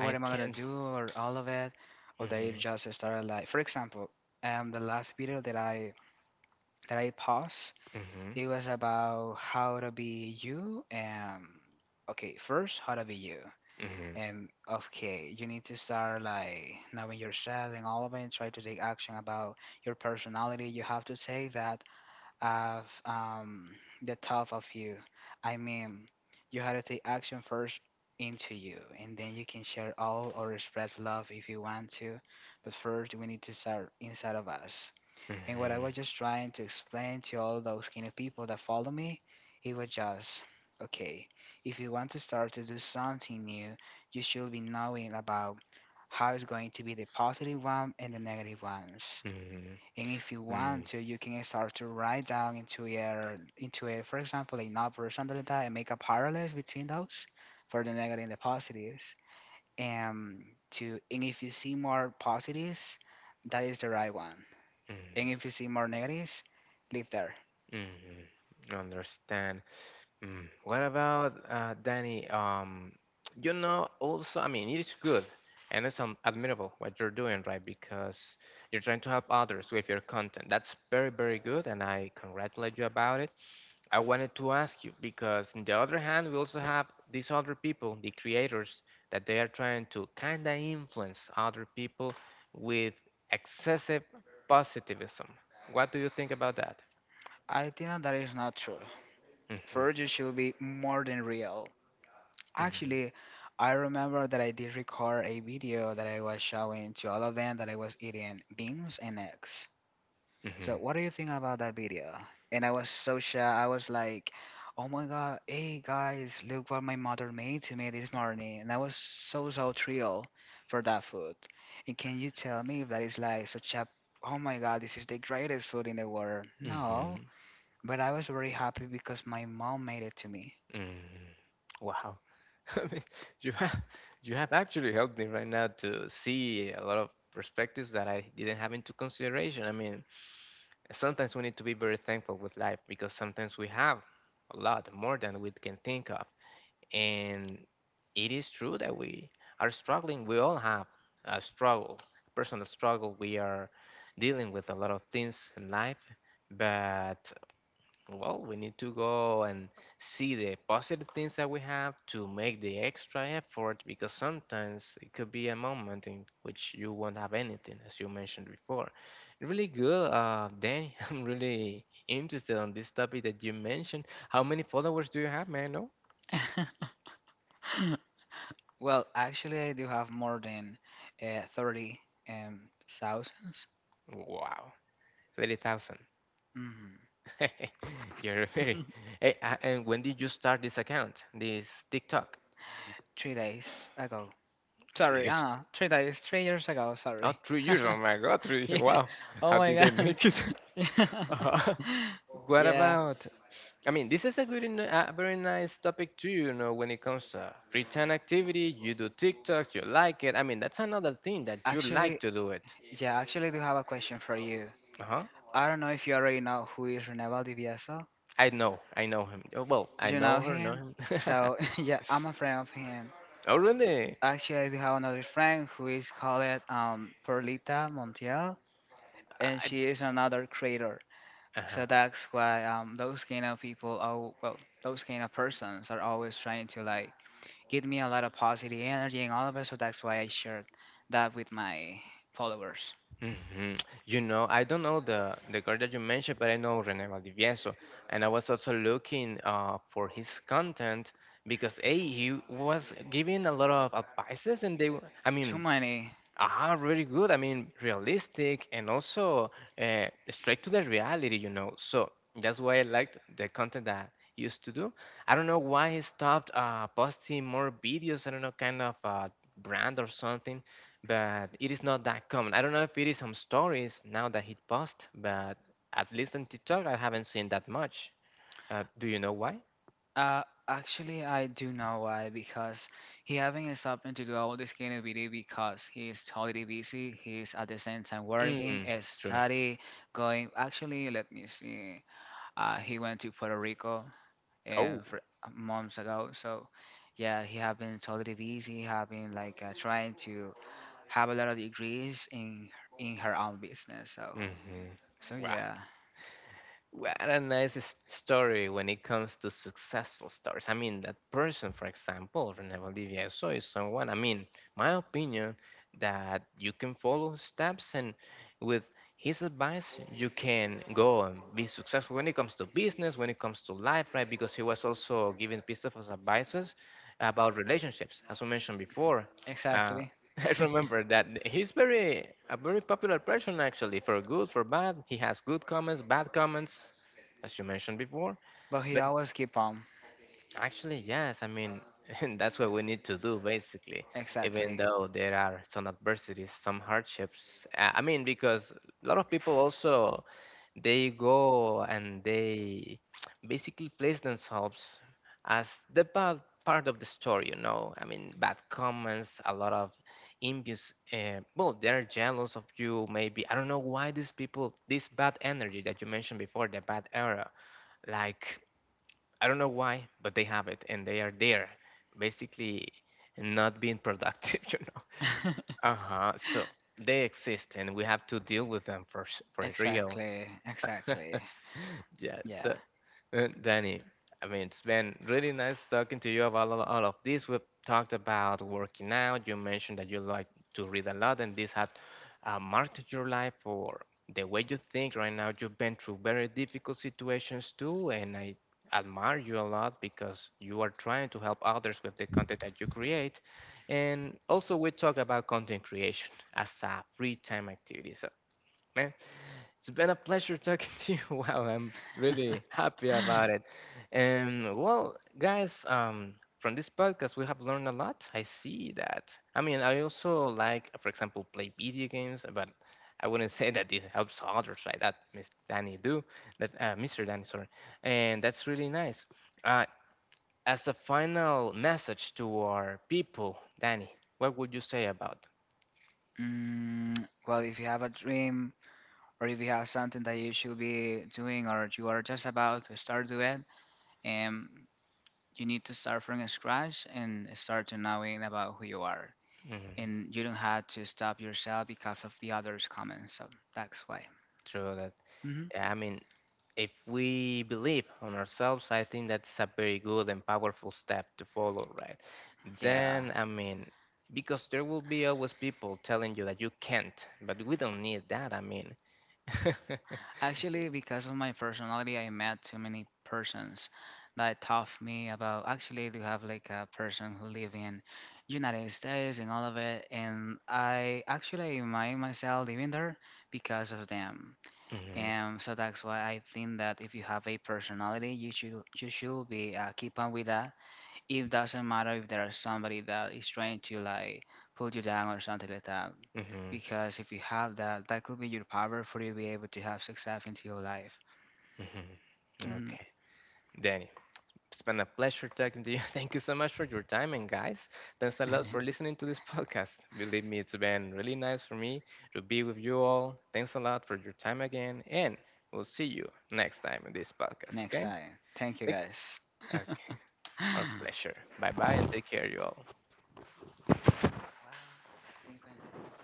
I am I gonna can't. do or all of it? Or they Mhm, just started like, for example, the last video that I paused, mhm, it was about how to be you and okay, first how to be you. mhm, And okay, you need to start like knowing yourself and all of it, try to take action about your personality. You have to take that of the top of you. I mean, you have to take action first into you, and then you can share all or spread love if you want to. But first, we need to start inside of us. And what I was mhm, just trying to explain to all those kind of people that follow me, it was just okay. If you want to start to do something new, you should be knowing about how it's going to be the positive one and the negative ones. mhm, And if you want mhm, to, you can start to write down into a, for example, a novel or something like that, and make a parallels between those for the negative and the positives. And and if you see more positives, that is the right one, and mhm, if you see more negatives, leave there. mhm. Understand. Mm. What about Danny? You know, also, I mean, it is good and it's admirable what you're doing, right? Because you're trying to help others with your content. That's very, very good, and I congratulate you about it. I wanted to ask you because, on the other hand, we also have these other people, the creators, that they are trying to kind of influence other people with excessive positivism. What do you think about that? I think that that is not true. hmm First, you should be more than real. Actually, I remember that I did record a video that I was showing to all of them that I was eating beans and eggs. So hmm what do you think about that video? And I was so shy. I was like, "Oh my god, hey guys, look what my mother made to me this morning." And I was so thrilled for that food. And can you tell me if that is like such a, oh my god, this is the greatest food in the world? No, Mm-hmm. but I was very happy because my mom made it to me. Mm. Wow. I mean, you have you have actually helped me right now to see a lot of perspectives that I didn't have into consideration. I mean, sometimes we need to be very thankful with life because sometimes we have a lot more than we can think of. And it is true that we are struggling. We all have a struggle, a personal struggle. We are dealing with a lot of things in life, but well, we need to go and see the positive things that we have to make the extra effort because sometimes it could be a moment in which you won't have anything, as you mentioned before. Really good, Danny. I'm really interested on this topic that you mentioned. How many followers do you have, man? No? Well, actually, I do have more than 30 um 1000s. Wow. 30,000. Mm-hmm. You're very. Hey, and when did you start this account, this TikTok? 3 days ago. Three Sorry, years. 3 days, 3 years ago. Oh, Sorry. three years. Oh my God, 3 years. Yeah. Wow. Oh How my did they god. make it? Yeah. Uh-huh. What Yeah, about? I mean, this is a good, a very nice topic too. You know, when it comes to free time activity, you do TikToks, you like it. I mean, that's another thing that you like actually, to do it. yeah. Actually, I do have a question for you. Uh huh. I don't know if you already know who is Reneval Divieso. I know him. Oh, well, You know know him. him. So yeah, I'm a friend of him. Oh, really? Actually, I do have another friend who is called Perlita Montiel, and I, she is another creator. So uh-huh. that's why those kind of people, oh well, those kind of persons are always trying to like give me a lot of positive energy and all of it. So that's why I shared that with my followers. hmm You know, I don't know the guy that you mentioned, but I know René Valdivieso, and I was also looking for his content because a he was giving a lot of advices, and I Too mean, many. ah, really good. I mean, realistic and also straight to the reality, you know. So that's why I liked the content that I used to do. I don't know why I stopped posting more videos. I don't know, kind of brand or something, but it is not that common. I don't know if it is some stories now that he posts, but at least on TikTok, I haven't seen that much. Do you know why? Uh, Actually, I do know why, because he haven't something to do all this kind of video, because he's totally busy. He's at the same time working, Mm, true. study, going. Actually, let me see. He went to Puerto Rico Oh. and for months ago. So yeah, he have been totally busy. Have been like trying to have a lot of degrees in her own business. So hmm So yeah, What a nice story when it comes to successful stories. I mean, that person, for example, Rene Valdivia so is someone, I mean, my opinion, that you can follow his steps and with his advice, you can go and be successful when it comes to business, when it comes to life, right? Because he was also giving pieces of advices about relationships, as we mentioned before. Uh, exactly. I remember that he's very a very popular person actually for good for bad. He has good comments, bad comments, as you mentioned before. But he But always keep on. actually, yes, I mean and that's what we need to do basically. Even Exactly. though there are some adversities, some hardships. I mean because a lot of people also they go and they basically place themselves as the bad part of the story, you know. I mean bad comments, a lot of envious, well they're jealous of you maybe, I don't know why these people, this bad energy that you mentioned before, the bad era, like I don't know why but they have it and they are there basically not being productive. You know. Uh-huh. So they exist and we have to deal with them for for real. Exactly. Exactly. Yeah, Yeah. so Danny, I mean, it's been really nice talking to you about all of this. We've talked about working out. You mentioned that you like to read a lot, and this had marked your life or the way you think right now. You've been through very difficult situations too, and I admire you a lot because you are trying to help others with the content that you create. And also, we talk about content creation as a free time activity. So, man, it's been a pleasure talking to you. Wow, I'm really happy about it. And well, guys, from this podcast, we have learned a lot. I see that. I mean, I also like, for example, play video games, but I wouldn't say that it helps others, right? That Mr. Danny, sorry, and that's really nice. Uh, as a final message to our people, Danny, what would you say about well, if you have a dream or if you have something that you should be doing or you are just about to start to it, um, you need to start from scratch and start to knowing about who you are. mm, And you don't have to stop yourself because of the others' comments. So that's why. through that? Hmm. Yeah, I mean, if we believe on ourselves, I think that's a very good and powerful step to follow, right? Yeah. Then, I mean, because there will be always people telling you that you can't, but we don't need that, I mean. Actually, because of my personality, I met too many persons that taught me about actually to have like a person who live in United States and all of it, and I actually remind myself living there because of them. hmm And so that's why I think that if you have a personality, you should be keep on with that. It doesn't matter if there is somebody that is trying to like pull you down or something like that, hmm because if you have that, that could be your power for you to be able to have success into your life. Hmm. Okay, Danny. It's been a pleasure talking to you. Thank you so much for your time. And guys, thanks a lot for listening to this podcast. Believe me, it's been really nice for me to be with you all. Thanks a lot for your time again. And we'll see you next time in this podcast, Next okay? time. Thank you, Thank- guys. Okay. Our Wow. pleasure. Bye bye and take care, you all. Cincuenta.